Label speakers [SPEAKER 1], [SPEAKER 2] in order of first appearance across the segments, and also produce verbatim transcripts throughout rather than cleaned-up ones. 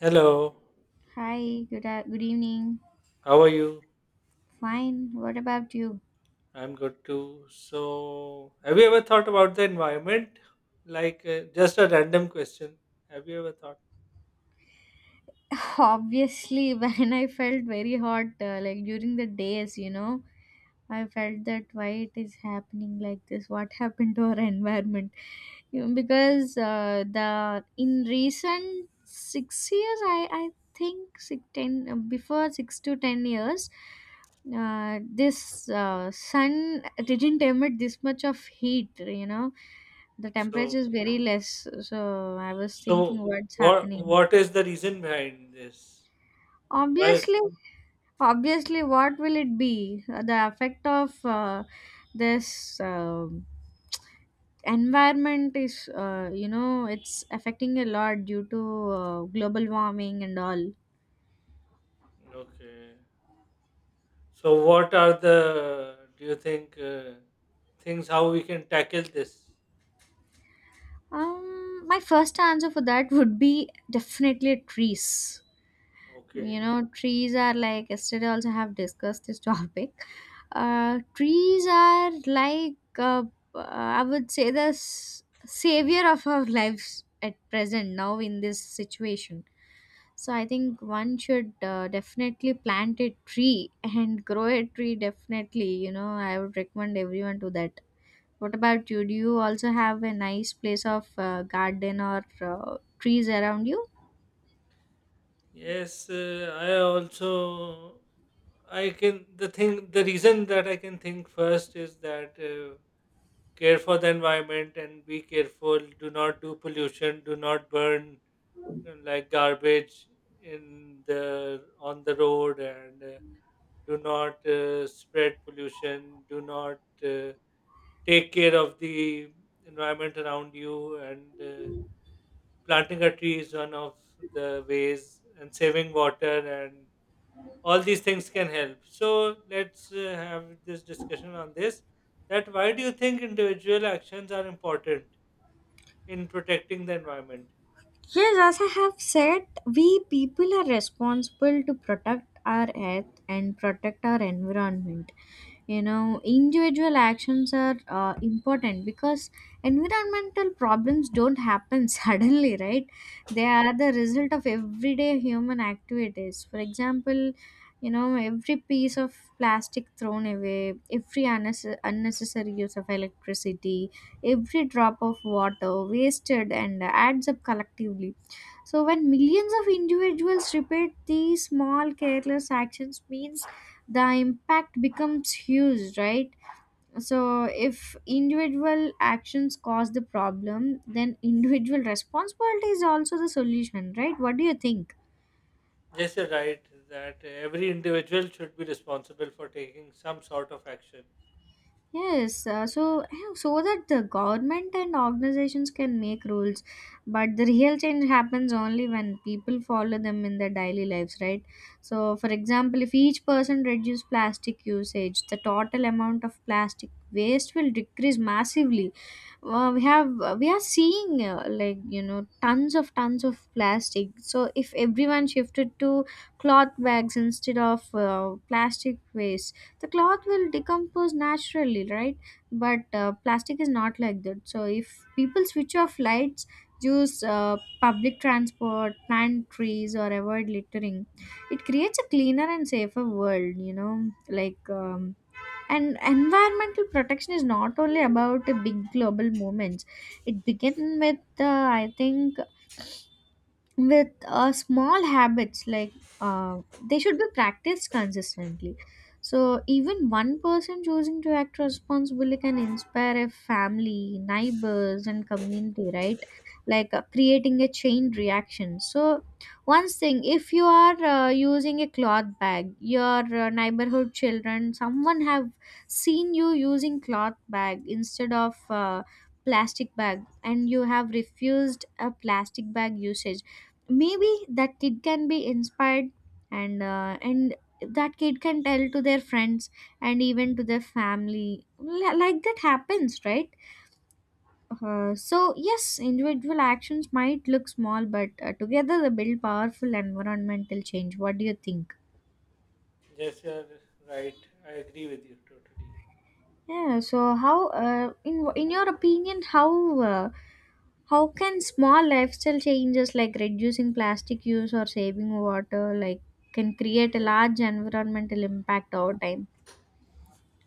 [SPEAKER 1] Hello,
[SPEAKER 2] Hi, good a- good evening.
[SPEAKER 1] how are you?
[SPEAKER 2] Fine. What about you?
[SPEAKER 1] I'm good too. So, have you ever thought about the environment? Like, uh, just a random question. Have you ever thought?
[SPEAKER 2] Obviously, when I felt very hot, uh, like during the days, you know, I felt that why it is happening like this? What happened to our environment? You know, because uh, the in recent six years, I I think six, ten uh, before six to ten years, uh, this uh, sun didn't emit this much of heat. You know, the temperature
[SPEAKER 1] So,
[SPEAKER 2] is very less. So I was
[SPEAKER 1] so
[SPEAKER 2] thinking, what's
[SPEAKER 1] what
[SPEAKER 2] happening?
[SPEAKER 1] what is the reason behind this? Why is
[SPEAKER 2] Obviously, obviously, what will it be? The effect of uh, this. um Environment is uh, you know it's affecting a lot due to uh, global warming and all.
[SPEAKER 1] Okay? So, what are the do you think, uh, things, how we can tackle this?
[SPEAKER 2] Um my first answer for that would be definitely trees. You
[SPEAKER 1] Okay.
[SPEAKER 2] know trees are like yesterday also have discussed this topic. Uh trees are like, uh, I would say the s- savior of our lives at present now in this situation. So I think one should uh, definitely plant a tree and grow a tree definitely, you know I would recommend everyone to that. What about you? Do you also have a nice place of uh, garden or uh, trees around you?
[SPEAKER 1] Yes, uh, I also— I can the thing the reason that I can think first is that. Uh, care for the environment and be careful. Do not do pollution, do not burn, uh, like, garbage in the on the road, and, uh, do not, uh, spread pollution. Do not, uh, take care of the environment around you, and, uh, planting a tree is one of the ways, and saving water, and all these things can help. So let's, uh, have this discussion on this, that why do you think individual actions are important in protecting the environment.
[SPEAKER 2] Yes, as I have said, we people are responsible to protect our earth and protect our environment. You know, individual actions are uh, important because environmental problems don't happen suddenly, right? They are the result of everyday human activities. For example, you know, every piece of plastic thrown away, every unnes- unnecessary use of electricity, every drop of water wasted and adds up collectively. So when millions of individuals repeat these small careless actions means the impact becomes huge, right? So if individual actions cause the problem, then individual responsibility is also the solution, right? What do you think?
[SPEAKER 1] Yes, you're right, that every individual should be responsible for taking some sort of action.
[SPEAKER 2] Yes, uh, so yeah, so that the government and organizations can make rules, but the real change happens only when people follow them in their daily lives, right? So, for example, if each person reduce plastic usage, the total amount of plastic waste will decrease massively. Uh, we have uh, we are seeing, uh, like, you know tons of tons of plastic. So if everyone shifted to cloth bags instead of uh, plastic waste, the cloth will decompose naturally, right? But uh, plastic is not like that. So if people switch off lights, use uh, public transport, plant trees, or avoid littering it creates a cleaner and safer world you know Like, um, and environmental protection is not only about the big global movements. It began with, uh, I think, with uh, small habits, like, uh, they should be practiced consistently. So even one person choosing to act responsibly can inspire a family, neighbors, and community, right? Like, uh, creating a chain reaction. So one thing: if you are uh, using a cloth bag, your uh, neighborhood children, someone have seen you using cloth bag instead of uh, plastic bag, and you have refused a plastic bag usage, maybe that kid can be inspired. And uh, and that kid can tell to their friends and even to their family. Li- like that happens, right? Uh, so yes, individual actions might look small, but uh, together they build powerful environmental change. What do you think?
[SPEAKER 1] Yes, you're right. I agree with you totally.
[SPEAKER 2] Yeah, so how, uh, in in your opinion, how uh, how can small lifestyle changes like reducing plastic use or saving water like can create a large environmental impact over time?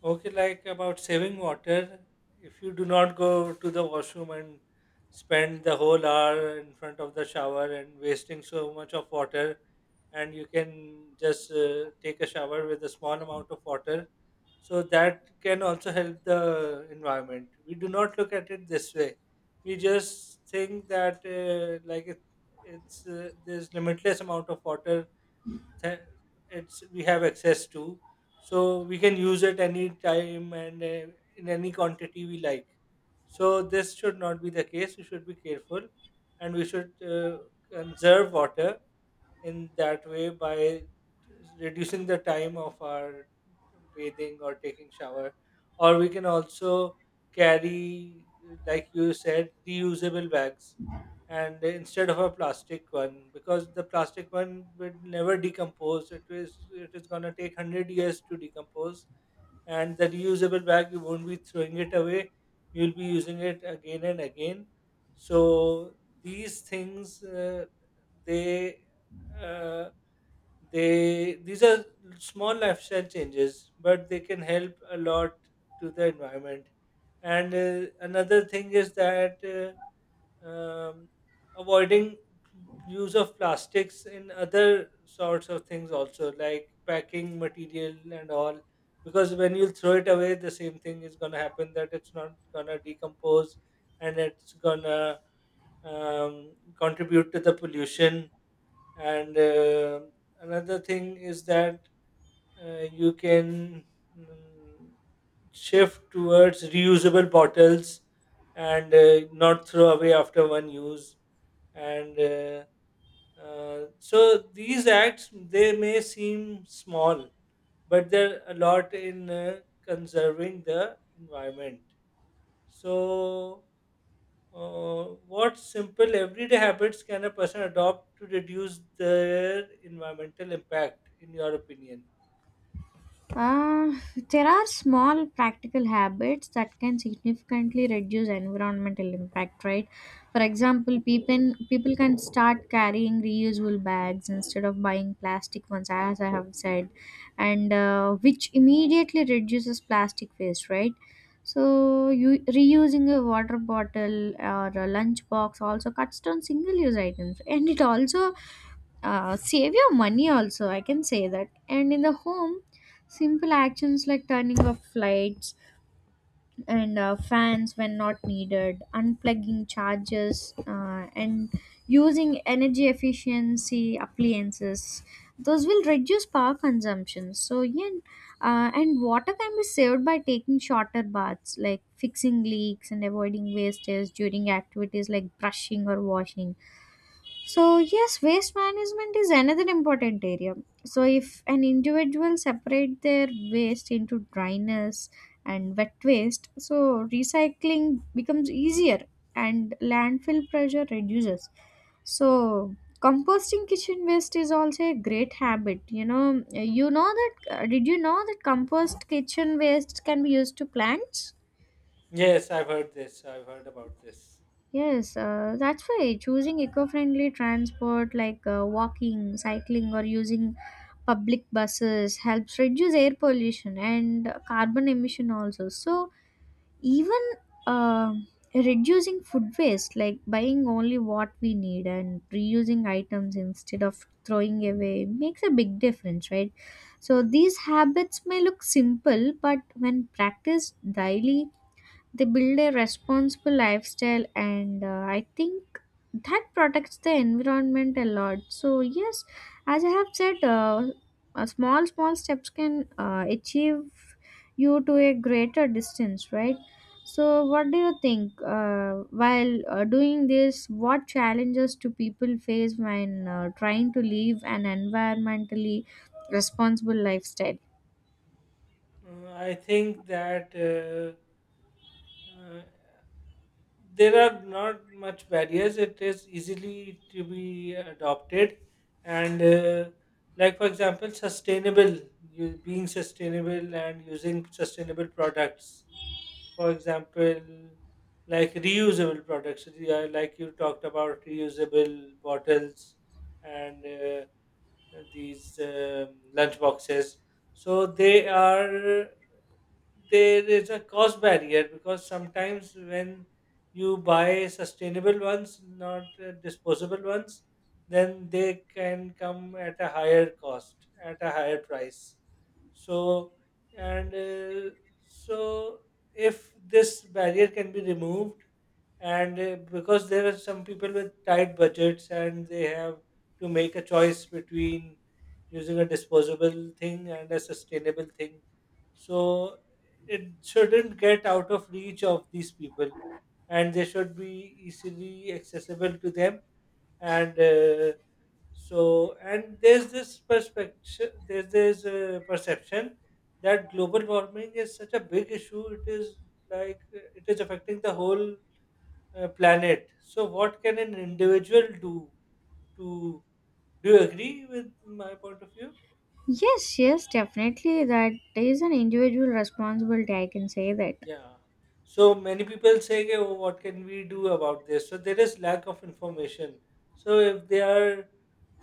[SPEAKER 1] Okay, like about saving water, if you do not go to the washroom and spend the whole hour in front of the shower and wasting so much of water, and you can just, uh, take a shower with a small amount of water, so that can also help the environment. We do not look at it this way. We just think that, uh, like it, it's uh, there's limitless amount of water, th- it's we have access to, so we can use it any time and, uh, in any quantity we like. So this should not be the case. We should be careful, and we should, uh, conserve water in that way, by reducing the time of our bathing or taking shower. Or we can also carry, like you said, reusable bags, and instead of a plastic one, because the plastic one will never decompose. it is it is going to take one hundred years to decompose, and the reusable bag, you won't be throwing it away, you'll be using it again and again. So these things, uh, they, uh, they these are small lifestyle changes, but they can help a lot to the environment. And, uh, another thing is that, uh, um, avoiding use of plastics in other sorts of things also, like packing material and all, because when you throw it away, the same thing is going to happen, that it's not going to decompose, and it's going to, um, contribute to the pollution. And, uh, another thing is that, uh, you can, mm, shift towards reusable bottles, and, uh, not throw away after one use. And, uh, uh, so these acts, they may seem small, but they're a lot in, uh, conserving the environment. So, uh, what simple everyday habits can a person adopt to reduce their environmental impact, in your opinion?
[SPEAKER 2] Uh, there are small practical habits that can significantly reduce environmental impact, right? For example, people people can start carrying reusable bags instead of buying plastic ones, as I have said, and uh, which immediately reduces plastic waste, right? So, you, reusing a water bottle or a lunch box also cuts down single-use items, and it also uh, save your money also, I can say that. And in the home, simple actions like turning off lights and uh, fans when not needed, unplugging chargers, uh, and using energy efficiency appliances, those will reduce power consumption. So yeah, uh, and water can be saved by taking shorter baths, like fixing leaks and avoiding wastage during activities like brushing or washing. So, yes, waste management is another important area. So, if an individual separate their waste into dryness and wet waste, so recycling becomes easier and landfill pressure reduces. So, composting kitchen waste is also a great habit. You know, you know that. Uh, did you know that compost kitchen waste can be used to plants?
[SPEAKER 1] Yes, I've heard this. I've heard about this.
[SPEAKER 2] Yes, uh, that's why choosing eco-friendly transport like, uh, walking, cycling, or using public buses helps reduce air pollution and carbon emission also. So even uh, reducing food waste, like buying only what we need and reusing items instead of throwing away, makes a big difference, right? So these habits may look simple, but when practiced daily, they build a responsible lifestyle, and uh, I think that protects the environment a lot. So, yes, as I have said, uh, uh, small, small steps can uh, achieve you to a greater distance, right? So, what do you think? Uh, while uh, doing this, what challenges do people face when uh, trying to live an environmentally responsible lifestyle?
[SPEAKER 1] Uh, I think that, uh, uh, there are not much barriers. It is easily to be adopted. And, uh, like, for example, sustainable you being sustainable and using sustainable products, for example, like reusable products. Yeah, like you talked about reusable bottles, and, uh, these, um, lunch boxes, so they are there is a cost barrier, because sometimes when you buy sustainable ones, not, uh, disposable ones, then they can come at a higher cost, at a higher price. So, and, uh, so if this barrier can be removed, and, uh, because there are some people with tight budgets, and they have to make a choice between using a disposable thing and a sustainable thing, so it shouldn't get out of reach of these people, and they should be easily accessible to them. And, uh, so, and there's this perspective— there's this uh, perception, that global warming is such a big issue. It is, like, uh, it is affecting the whole, uh, planet. So, what can an individual do to? Do you agree with my point of view?
[SPEAKER 2] Yes, yes, definitely. That is an individual responsibility, I can say that.
[SPEAKER 1] Yeah. So many people say, "Ki," "Oh, what can we do about this?" So there is lack of information. So if they are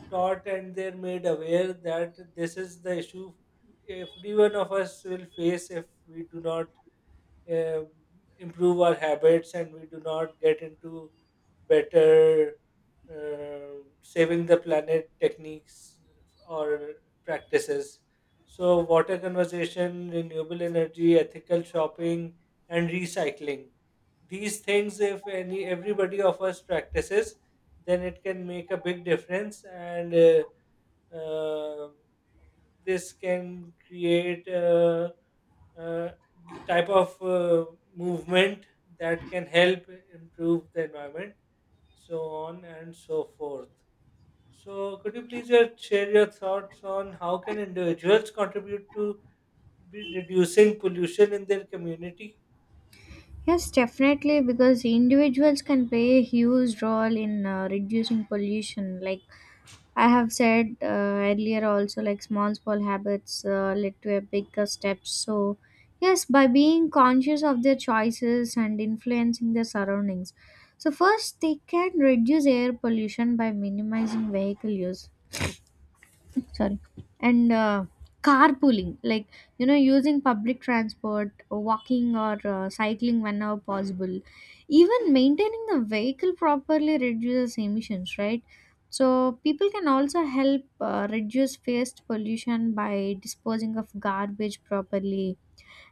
[SPEAKER 1] taught, and they're made aware that this is the issue every one of us will face if we do not, uh, improve our habits, and we do not get into better, uh, saving the planet techniques or practices. So, water conservation, renewable energy, ethical shopping, and recycling. These things, if any, everybody of us practices, then it can make a big difference. And, uh, um this can create a, uh type of, uh, movement that can help improve the environment, so on and so forth. So, could you please, uh, share your thoughts on how can individuals contribute to be reducing pollution in their community?
[SPEAKER 2] Yes, definitely, because individuals can play a huge role in uh, reducing pollution. Like I have said, uh, earlier, also, like small, small habits uh, lead to a bigger step. So, yes, by being conscious of their choices and influencing their surroundings. So, first, they can reduce air pollution by minimizing vehicle use, sorry, and uh, carpooling, like, you know using public transport, walking, or uh, cycling whenever possible. Even maintaining the vehicle properly reduces emissions, right? So people can also help uh, reduce waste pollution by disposing of garbage properly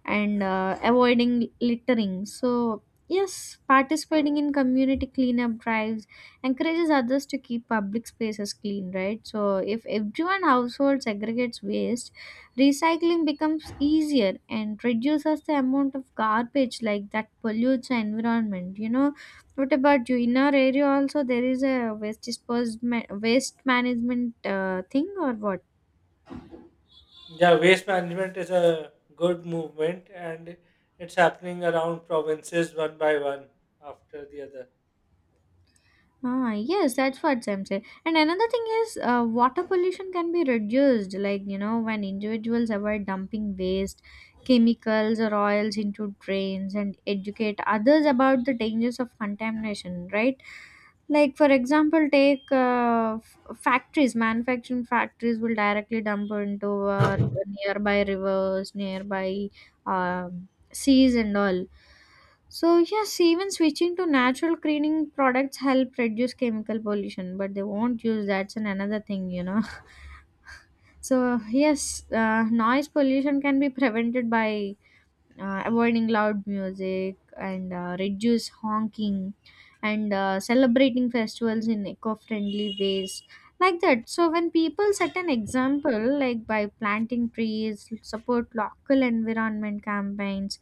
[SPEAKER 2] and uh, avoiding littering. So, yes, participating in community cleanup drives encourages others to keep public spaces clean, right? So, if everyone household segregates waste, recycling becomes easier and reduces the amount of garbage like that pollutes the environment. You know, what about you? In our area, also there is a waste disposal, waste management uh, thing, or what?
[SPEAKER 1] Yeah, waste management is a good movement, and it's happening around provinces one by one after the other.
[SPEAKER 2] Ah, yes, that's what Sam said. And another thing is, uh, water pollution can be reduced, like, you know, when individuals avoid dumping waste, chemicals, or oils into drains and educate others about the dangers of contamination, right? Like, for example, take uh, f- factories, manufacturing factories will directly dump into uh, nearby rivers, nearby um seas and all. So yes, even switching to natural cleaning products help reduce chemical pollution, but they won't use, that's an another thing you know So yes, uh, noise pollution can be prevented by uh, avoiding loud music and uh, reduce honking and uh, celebrating festivals in eco-friendly ways, like that. So when people set an example, like by planting trees, support local environment campaigns,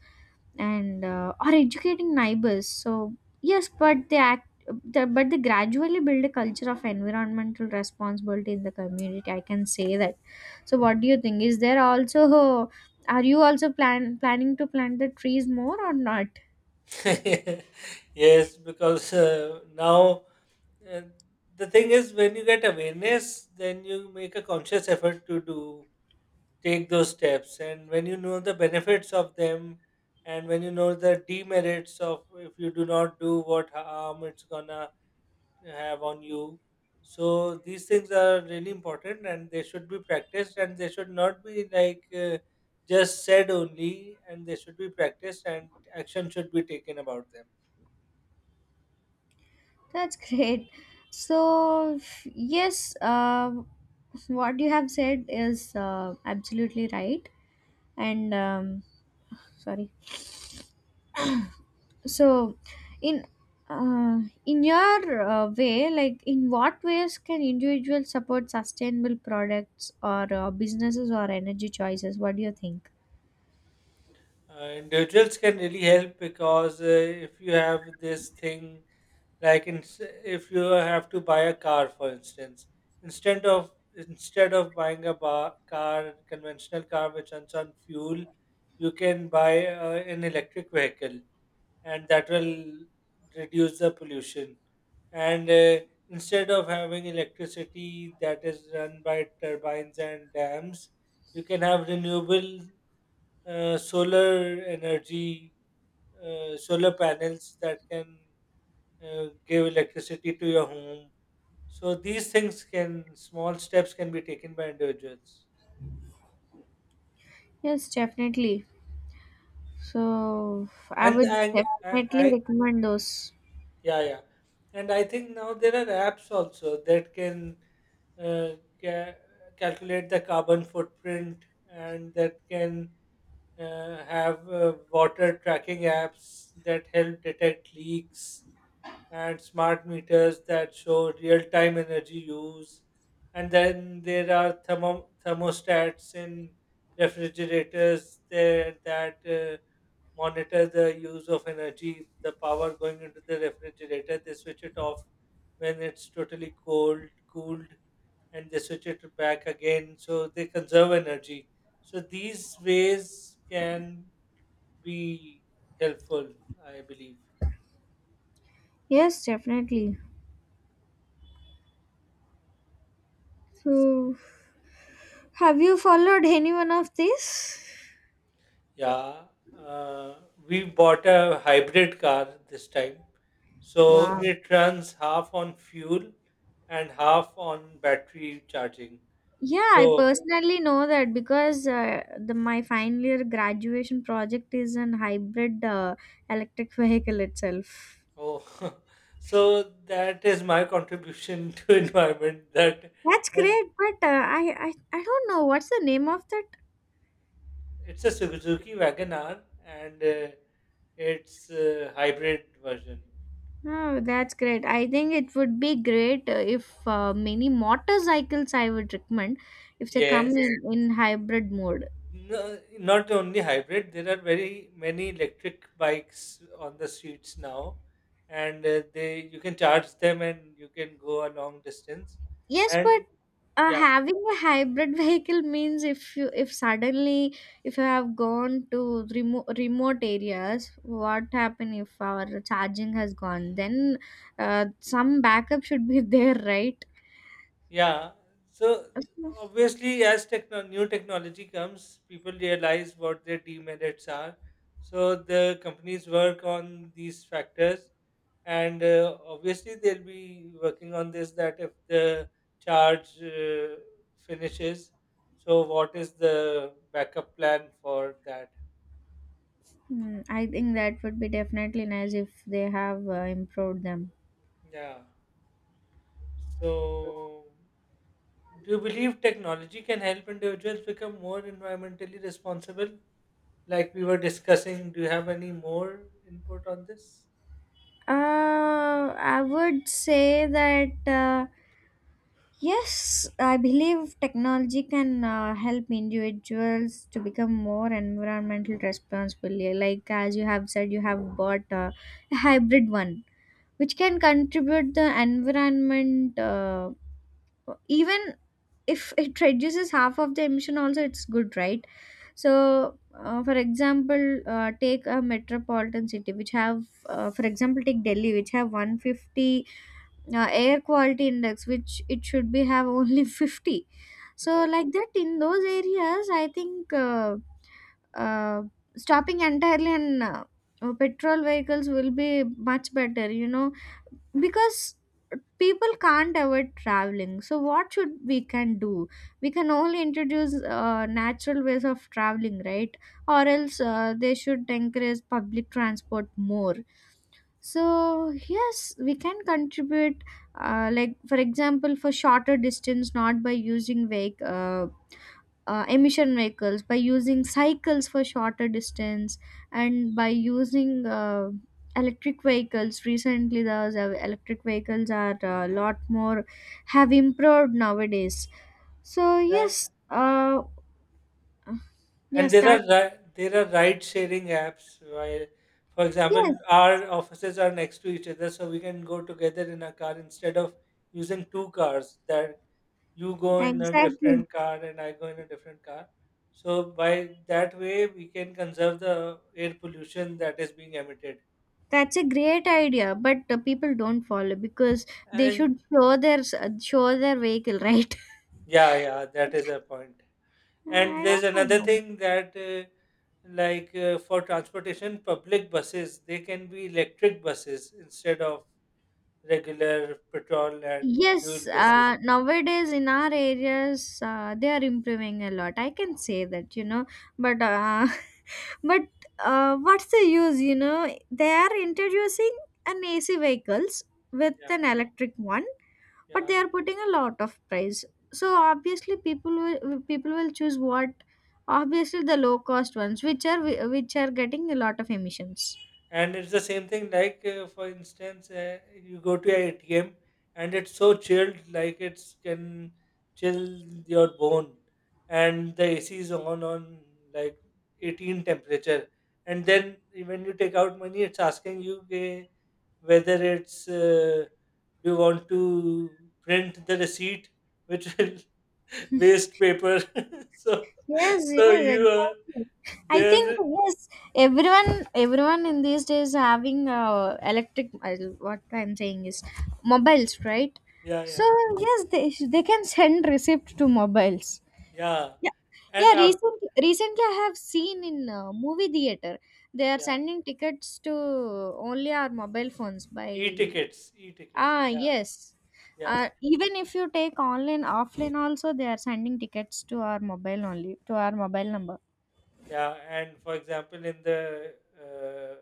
[SPEAKER 2] and uh, or educating neighbors, so yes, but they act the, but they gradually build a culture of environmental responsibility in the community, I can say that. So what do you think? Is there also, are you also plan planning to plant the trees more or not?
[SPEAKER 1] Yes, because, uh, now, uh, the thing is, when you get awareness, then you make a conscious effort to do— take those steps, and when you know the benefits of them, and when you know the demerits of, if you do not do, what harm it's gonna have on you. So these things are really important, and they should be practiced, and they should not be like, uh, just said only, and they should be practiced, and action should be taken about them.
[SPEAKER 2] That's great. So f- yes, uh, what you have said is uh, absolutely right. And um, sorry. So in uh, in your uh, way, like in what ways can individuals support sustainable products or uh, businesses or energy choices? What do you think?
[SPEAKER 1] Uh, individuals can really help, because, uh, if you have this thing, like, in, if you have to buy a car, for instance, instead of instead of buying a bar, car, conventional car which runs on fuel, you can buy, uh, an electric vehicle, and that will reduce the pollution. And, uh, instead of having electricity that is run by turbines and dams, you can have renewable, uh, solar energy, uh, solar panels that can, uh, give electricity to your home. So these things can small steps can be taken by individuals.
[SPEAKER 2] Yes, definitely. So I
[SPEAKER 1] And
[SPEAKER 2] would
[SPEAKER 1] I, I,
[SPEAKER 2] definitely
[SPEAKER 1] I
[SPEAKER 2] recommend those.
[SPEAKER 1] yeah, yeah. And I think now there are apps also, that can, uh, ca- calculate the carbon footprint, and that can, uh, have, uh, water tracking apps that help detect leaks, and smart meters that show real time energy use. And then there are thermo- thermostats in refrigerators there, that, uh, monitor the use of energy, the power going into the refrigerator. They switch it off when it's totally cold, cooled, and they switch it back again. So they conserve energy. So these ways can be helpful, I believe.
[SPEAKER 2] Yes, definitely. So, have you followed any one of these?
[SPEAKER 1] Yeah, uh, we bought a hybrid car this time. So
[SPEAKER 2] Wow.
[SPEAKER 1] it runs half on fuel and half on battery charging.
[SPEAKER 2] Yeah, I
[SPEAKER 1] So,
[SPEAKER 2] personally know that because uh, the my final year graduation project is an hybrid uh, electric vehicle itself.
[SPEAKER 1] oh, so that is my contribution to environment, that
[SPEAKER 2] That's
[SPEAKER 1] that
[SPEAKER 2] great, but uh, I, I I don't know what's the name of that.
[SPEAKER 1] it's a Suzuki Wagon R, and, uh, it's a hybrid version.
[SPEAKER 2] Oh, that's great. I think it would be great uh, if uh, many motorcycles, I would recommend if they come in,
[SPEAKER 1] Yes.
[SPEAKER 2] in hybrid mode.
[SPEAKER 1] No, not only hybrid. There are very many electric bikes on the streets now, and, uh, they you can charge them, and you can go a long distance.
[SPEAKER 2] Yes, but
[SPEAKER 1] And
[SPEAKER 2] uh,
[SPEAKER 1] yeah,
[SPEAKER 2] having a hybrid vehicle means if you if suddenly if you have gone to remote remote areas, what happen if our charging has gone? Then uh, some backup should be there, right?
[SPEAKER 1] yeah. So
[SPEAKER 2] Hmm,
[SPEAKER 1] obviously, as techno- new technology comes, people realize what their demerits are. So the companies work on these factors, and, uh, obviously they'll be working on this. That if the charge, uh, finishes, so what is the backup plan for that?
[SPEAKER 2] I think that would be definitely nice if they have uh, improved them.
[SPEAKER 1] Yeah. So, do you believe technology can help individuals become more environmentally responsible? Like we were discussing, do you have any more input on this?
[SPEAKER 2] Uh, I would say that. Uh, Yes, I believe technology can uh, help individuals to become more environmental responsible. Like as you have said, you have bought uh, a hybrid one, which can contribute the environment. Uh, even if it reduces half of the emission, also it's good, right? So, uh, for example, uh, take a metropolitan city which have, uh, for example, take Delhi, which have one hundred fifty uh, air quality index which it should be have only fifty. So
[SPEAKER 1] Yeah.
[SPEAKER 2] like that, in those areas I think uh, uh, stopping entirely on uh, uh, petrol vehicles will be much better you know because people can't avoid traveling, so what should we can do, we can only introduce uh, natural ways of traveling, right? Or else uh, they should encourage public transport more. So yes, we can contribute, uh, like for example for shorter distance, not by using vehic- uh, uh, emission vehicles, by using cycles for shorter distance, and by using uh, electric vehicles. Recently those uh, electric vehicles are a lot more, have improved nowadays. So
[SPEAKER 1] and,
[SPEAKER 2] yes uh,
[SPEAKER 1] and
[SPEAKER 2] yes
[SPEAKER 1] there
[SPEAKER 2] that,
[SPEAKER 1] are ri- there are ride sharing apps where, for example,
[SPEAKER 2] yes
[SPEAKER 1] our offices are next to each other, so we can go together in a car instead of using two cars, that you go in a
[SPEAKER 2] exactly.
[SPEAKER 1] different car and I go in a different car. So by that way, we can conserve the air pollution that is being emitted.
[SPEAKER 2] That's a great idea, but uh, people don't follow because they
[SPEAKER 1] And
[SPEAKER 2] should show their s- show their vehicle, right?
[SPEAKER 1] yeah, yeah, that is a point. And
[SPEAKER 2] I
[SPEAKER 1] there's
[SPEAKER 2] don't
[SPEAKER 1] another
[SPEAKER 2] know.
[SPEAKER 1] thing, that, uh, like, uh, for transportation, public buses, they can be electric buses instead of regular petrol and fuel
[SPEAKER 2] Yes,
[SPEAKER 1] buses.
[SPEAKER 2] uh, nowadays in our areas, uh, they are improving a lot. I can say that, you know, but uh, but uh, what's the use? You know, they are introducing an A C vehicles with
[SPEAKER 1] Yeah,
[SPEAKER 2] an electric one, but they
[SPEAKER 1] yeah.
[SPEAKER 2] are putting a lot of price, so obviously people will people will choose what, obviously the low cost ones, which are, which are getting a lot of emissions.
[SPEAKER 1] And it's the same thing. Like, uh, for instance, uh, you go to a ATM, and it's so chilled, like, it's can chill your bone, and the A C is on on like eighteen temperature, and then when you take out money, it's asking you, "Okay, whether it's, uh, do you want to print the receipt," which will waste paper. so
[SPEAKER 2] Yes, yes,
[SPEAKER 1] so you are
[SPEAKER 2] exactly. I think
[SPEAKER 1] there.
[SPEAKER 2] yes, everyone, everyone in these days having uh, electric. Uh, what I'm saying is mobiles, right?
[SPEAKER 1] Yeah,
[SPEAKER 2] So
[SPEAKER 1] yeah,
[SPEAKER 2] yes, they they can send receipt to mobiles.
[SPEAKER 1] yeah.
[SPEAKER 2] Yeah, yeah.
[SPEAKER 1] And after—
[SPEAKER 2] Recently, recently I have seen in uh, movie theater they are
[SPEAKER 1] yeah.
[SPEAKER 2] sending tickets to only our mobile phones by,
[SPEAKER 1] E-tickets. E-tickets
[SPEAKER 2] ah
[SPEAKER 1] yeah.
[SPEAKER 2] yes.
[SPEAKER 1] Yeah.
[SPEAKER 2] Uh, even if you take online offline also, they are sending tickets to our mobile, only to our mobile number.
[SPEAKER 1] yeah and for example, in the uh,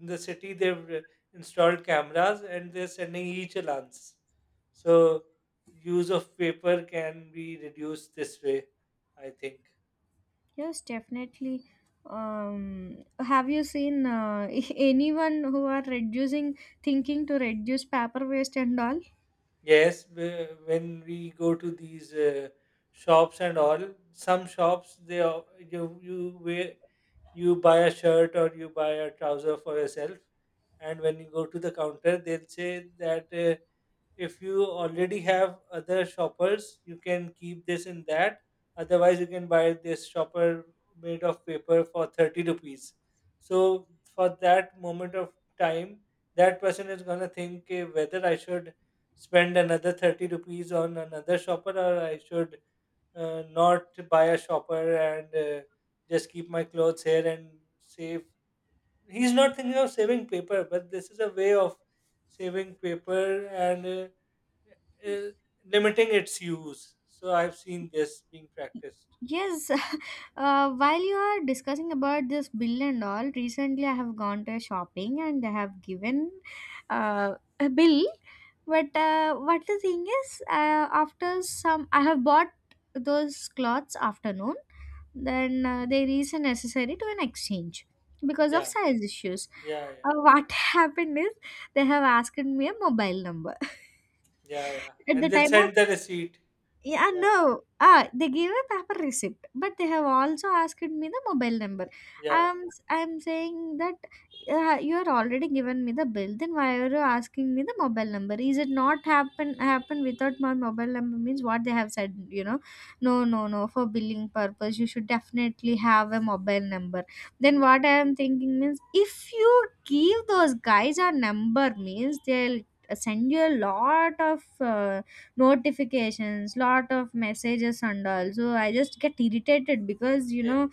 [SPEAKER 1] in the city, they've, uh, installed cameras, and they're sending e-challans, so use of paper can be reduced this way, I think.
[SPEAKER 2] Yes, definitely. Um, have you seen
[SPEAKER 1] Yes, whe- when we go to these, uh, shops and all, some shops, they are- you you wear, you buy a shirt, or you buy a trouser for yourself, and when you go to the counter, they'll say that. Uh, if you already have other shoppers, you can keep this in that. Otherwise, you can buy this shopper made of paper for thirty rupees. So, for that moment of time, that person is going to think, "Ki, whether I should spend another thirty rupees on another shopper, or I should, uh, not buy a shopper, and, uh, just keep my clothes here and save." He's not thinking of saving paper, but this is a way of saving paper, and, uh, uh, limiting its use. So I've seen this being practiced.
[SPEAKER 2] yes, uh, while you are discussing about this bill and all, recently I have gone to a shopping and they have given uh, a bill. But uh, what the thing is, uh, after some, I have bought those clothes afternoon. Then uh, there is a necessary to an exchange because of
[SPEAKER 1] Yeah,
[SPEAKER 2] size issues.
[SPEAKER 1] yeah, yeah,
[SPEAKER 2] Uh, what happened is they have asked me a mobile number.
[SPEAKER 1] yeah, yeah.
[SPEAKER 2] At the
[SPEAKER 1] And they'll
[SPEAKER 2] time of,
[SPEAKER 1] send the receipt.
[SPEAKER 2] yeah,
[SPEAKER 1] Yeah,
[SPEAKER 2] no. Ah, they gave a paper receipt, but they have also asked me the mobile number.
[SPEAKER 1] yeah,
[SPEAKER 2] I'm I'm saying that uh, you are already given me the bill. Then why are you asking me the mobile number? Is it not happen happen without my mobile number? Means what they have said, you know? No, no, no. For billing purpose, you should definitely have a mobile number. Then what I am thinking means, if you give those guys a number means, they'll send you a lot of uh, notifications, lot of messages and all, so I just get irritated because you
[SPEAKER 1] yeah.
[SPEAKER 2] know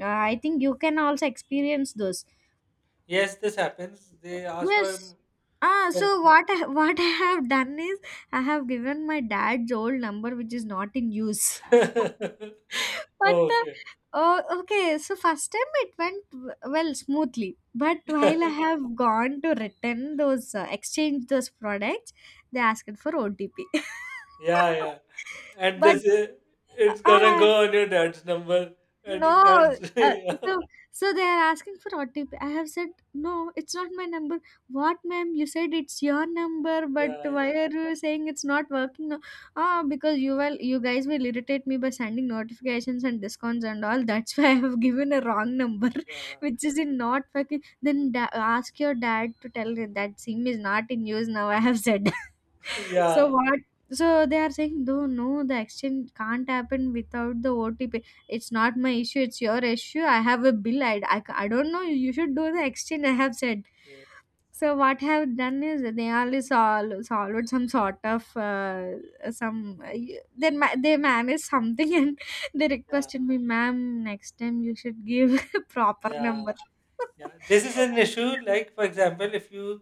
[SPEAKER 2] uh, I think you can also experience those.
[SPEAKER 1] Yes, this happens. They ask for
[SPEAKER 2] Yes,
[SPEAKER 1] m-
[SPEAKER 2] ah so
[SPEAKER 1] help.
[SPEAKER 2] what I, what I have done is, I have given my dad's old number, which is not in use. But uh,
[SPEAKER 1] Okay.
[SPEAKER 2] oh, okay, so first time it went w- well smoothly, but while I have gone to return those uh, exchange those products, they asked for OTP.
[SPEAKER 1] Yeah, yeah. And
[SPEAKER 2] But
[SPEAKER 1] this is, it's gonna
[SPEAKER 2] uh,
[SPEAKER 1] go on your dad's number, and you
[SPEAKER 2] no,
[SPEAKER 1] can't.
[SPEAKER 2] uh,
[SPEAKER 1] Yeah,
[SPEAKER 2] so so they are asking for O T P. I have said no, it's not my number. What, ma'am? You said it's your number, but
[SPEAKER 1] yeah,
[SPEAKER 2] why
[SPEAKER 1] yeah,
[SPEAKER 2] are you saying it's not working now?" Ah, because you will, you guys will irritate me by sending notifications and discounts and all. That's why I have given a wrong number, which is in not fucking. Then da- ask your dad to tell him that SIM is not in use now. I have said. So
[SPEAKER 1] yeah. Yeah,
[SPEAKER 2] what? So they are saying, no, no, the exchange can't happen without the O T P. It's not my issue. It's your issue. I have a bill. I, I, I don't know. You should do the exchange. I have said.
[SPEAKER 1] yeah,
[SPEAKER 2] So what I have done is, they only solved, solved some sort of uh, some uh, they ma- they managed something, and they
[SPEAKER 1] yeah,
[SPEAKER 2] requested me, ma'am, next time you should give proper
[SPEAKER 1] yeah.
[SPEAKER 2] number.
[SPEAKER 1] Yeah, this is an issue. Like, for example, if you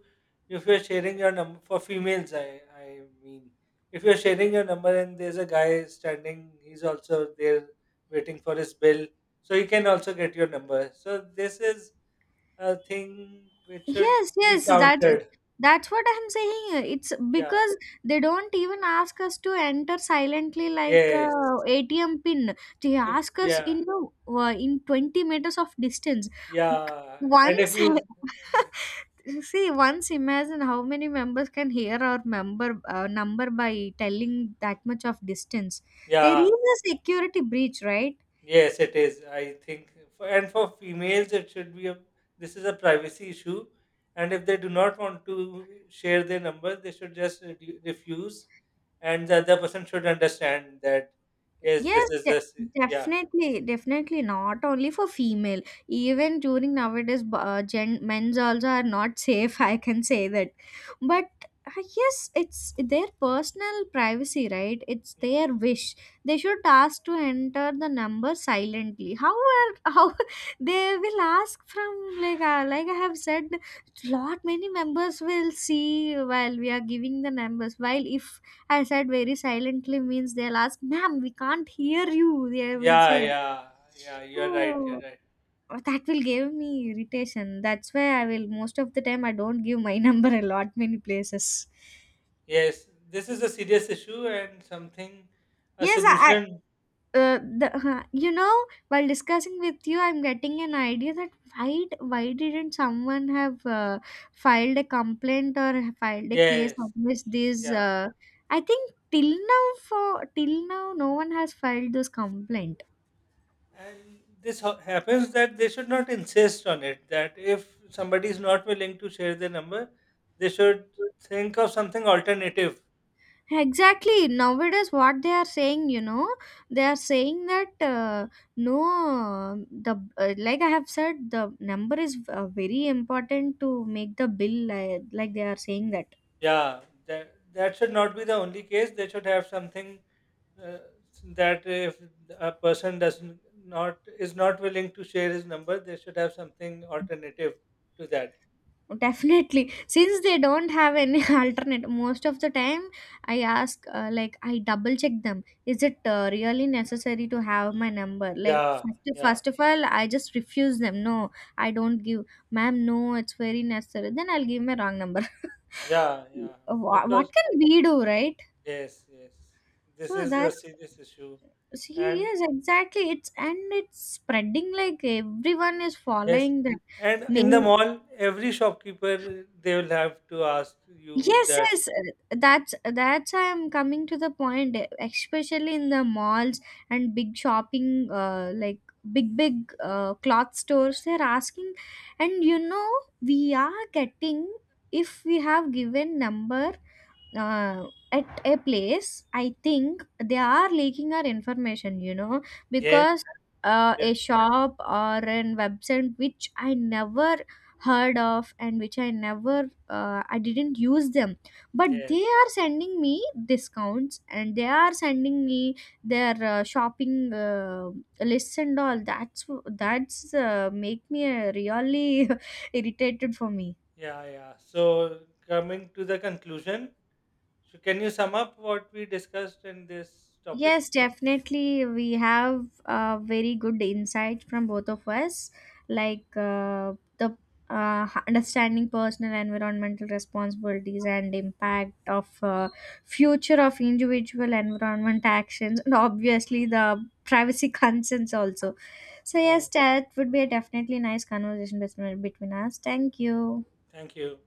[SPEAKER 1] if you're sharing your number for females, I I mean, if you're sharing your number, and there's a guy standing, he's also there waiting for his bill, so he can also get your number. So this is a thing which should
[SPEAKER 2] Yes,
[SPEAKER 1] be
[SPEAKER 2] yes, that
[SPEAKER 1] countered.
[SPEAKER 2] that's what I'm saying. It's
[SPEAKER 1] Yeah.
[SPEAKER 2] because they don't even ask us to enter silently, like
[SPEAKER 1] Yes.
[SPEAKER 2] uh, A T M pin. They
[SPEAKER 1] If,
[SPEAKER 2] ask us
[SPEAKER 1] Yeah.
[SPEAKER 2] in uh, in twenty meters of distance.
[SPEAKER 1] Yeah. And if
[SPEAKER 2] Once
[SPEAKER 1] you,
[SPEAKER 2] see, once imagine how many members can hear our member uh, number by telling that much of distance. There
[SPEAKER 1] yeah.
[SPEAKER 2] is a security breach, right?
[SPEAKER 1] Yes, it is. I think, for, and for females, it should be a. This is a privacy issue, and if they do not want to share their number, they should just, re- refuse, and the other person should understand that. Yes,
[SPEAKER 2] Yes,
[SPEAKER 1] this is
[SPEAKER 2] de
[SPEAKER 1] this. Yeah,
[SPEAKER 2] definitely, definitely not only for female. Even during nowadays, b- uh, gen men's also are not safe. I can say that, but I guess it's their personal privacy, right? It's their wish. They should ask to enter the number silently. How are how they will ask from like uh, like I have said, lot many members will see while we are giving the numbers. While if I said very silently means, they'll ask, "Ma'am, we can't hear you." They will
[SPEAKER 1] yeah,
[SPEAKER 2] say,
[SPEAKER 1] yeah, yeah. You're right. You're right.
[SPEAKER 2] oh, that will give me irritation. That's why I will, most of the time I don't give my number a lot many places.
[SPEAKER 1] Yes, this is a serious issue, and something a
[SPEAKER 2] Yes, i I-
[SPEAKER 1] solution.
[SPEAKER 2] uh, the, huh, you know, while discussing with you I'm getting an idea that why why didn't someone have uh, filed a complaint or have filed a case
[SPEAKER 1] Yes,
[SPEAKER 2] against these
[SPEAKER 1] yeah.
[SPEAKER 2] uh, I think till now, for till now no one has filed this complaint.
[SPEAKER 1] And this ho- happens, that they should not insist on it. That if somebody is not willing to share their number, they should think of something alternative.
[SPEAKER 2] Exactly. Nowadays, what they are saying, you know, they are saying that uh, no, the uh, like I have said, the number is uh, very important to make the bill. Uh, like they are saying that.
[SPEAKER 1] Yeah, that that should not be the only case. They should have something, uh, that if a person does, n- not is not willing to share his number, they should have something alternative to that.
[SPEAKER 2] Definitely. Since they don't have any alternate, most of the time I ask, uh, like, I double check them. Is it uh, really necessary to have my number? Like,
[SPEAKER 1] Yeah,
[SPEAKER 2] first,
[SPEAKER 1] yeah,
[SPEAKER 2] first of all, I just refuse them. No, I don't give, ma'am, no, it's very necessary. Then I'll give my wrong number.
[SPEAKER 1] yeah, yeah.
[SPEAKER 2] Wha- what
[SPEAKER 1] Because
[SPEAKER 2] can we do, right?
[SPEAKER 1] yes, yes, this
[SPEAKER 2] So
[SPEAKER 1] is a
[SPEAKER 2] that's,
[SPEAKER 1] serious issue,
[SPEAKER 2] see,
[SPEAKER 1] and
[SPEAKER 2] yes, exactly. It's, and it's spreading, like everyone is
[SPEAKER 1] yes.
[SPEAKER 2] following that.
[SPEAKER 1] And
[SPEAKER 2] May,
[SPEAKER 1] in the mall, every shopkeeper, they will have to ask you
[SPEAKER 2] yes,
[SPEAKER 1] that.
[SPEAKER 2] yes, uh, that's that's I'm coming to the point, e- especially in the malls and big shopping, uh, like big big uh, cloth stores. They're asking, and you know, we are getting, if we have given number uh, at a place, I think they are leaking our information, you know,
[SPEAKER 1] Yes.
[SPEAKER 2] because uh, a
[SPEAKER 1] Yeah.
[SPEAKER 2] shop or an website which I never heard of and which I never uh, I didn't use them, but they
[SPEAKER 1] Yes.
[SPEAKER 2] are sending me discounts and they are sending me their uh, shopping uh, lists and all. that's that's uh, make me uh, really irritated for me.
[SPEAKER 1] Yeah. Yeah. So coming to the conclusion, so can you sum up what we discussed in this topic?
[SPEAKER 2] Yes, definitely. We have a very good insight from both of us, like uh, the uh, understanding personal environmental responsibilities and impact of uh, future of individual environment actions, and obviously the privacy concerns also. So yes,
[SPEAKER 1] Oh,
[SPEAKER 2] that would be a definitely nice conversation between between us. Thank you.
[SPEAKER 1] thank you.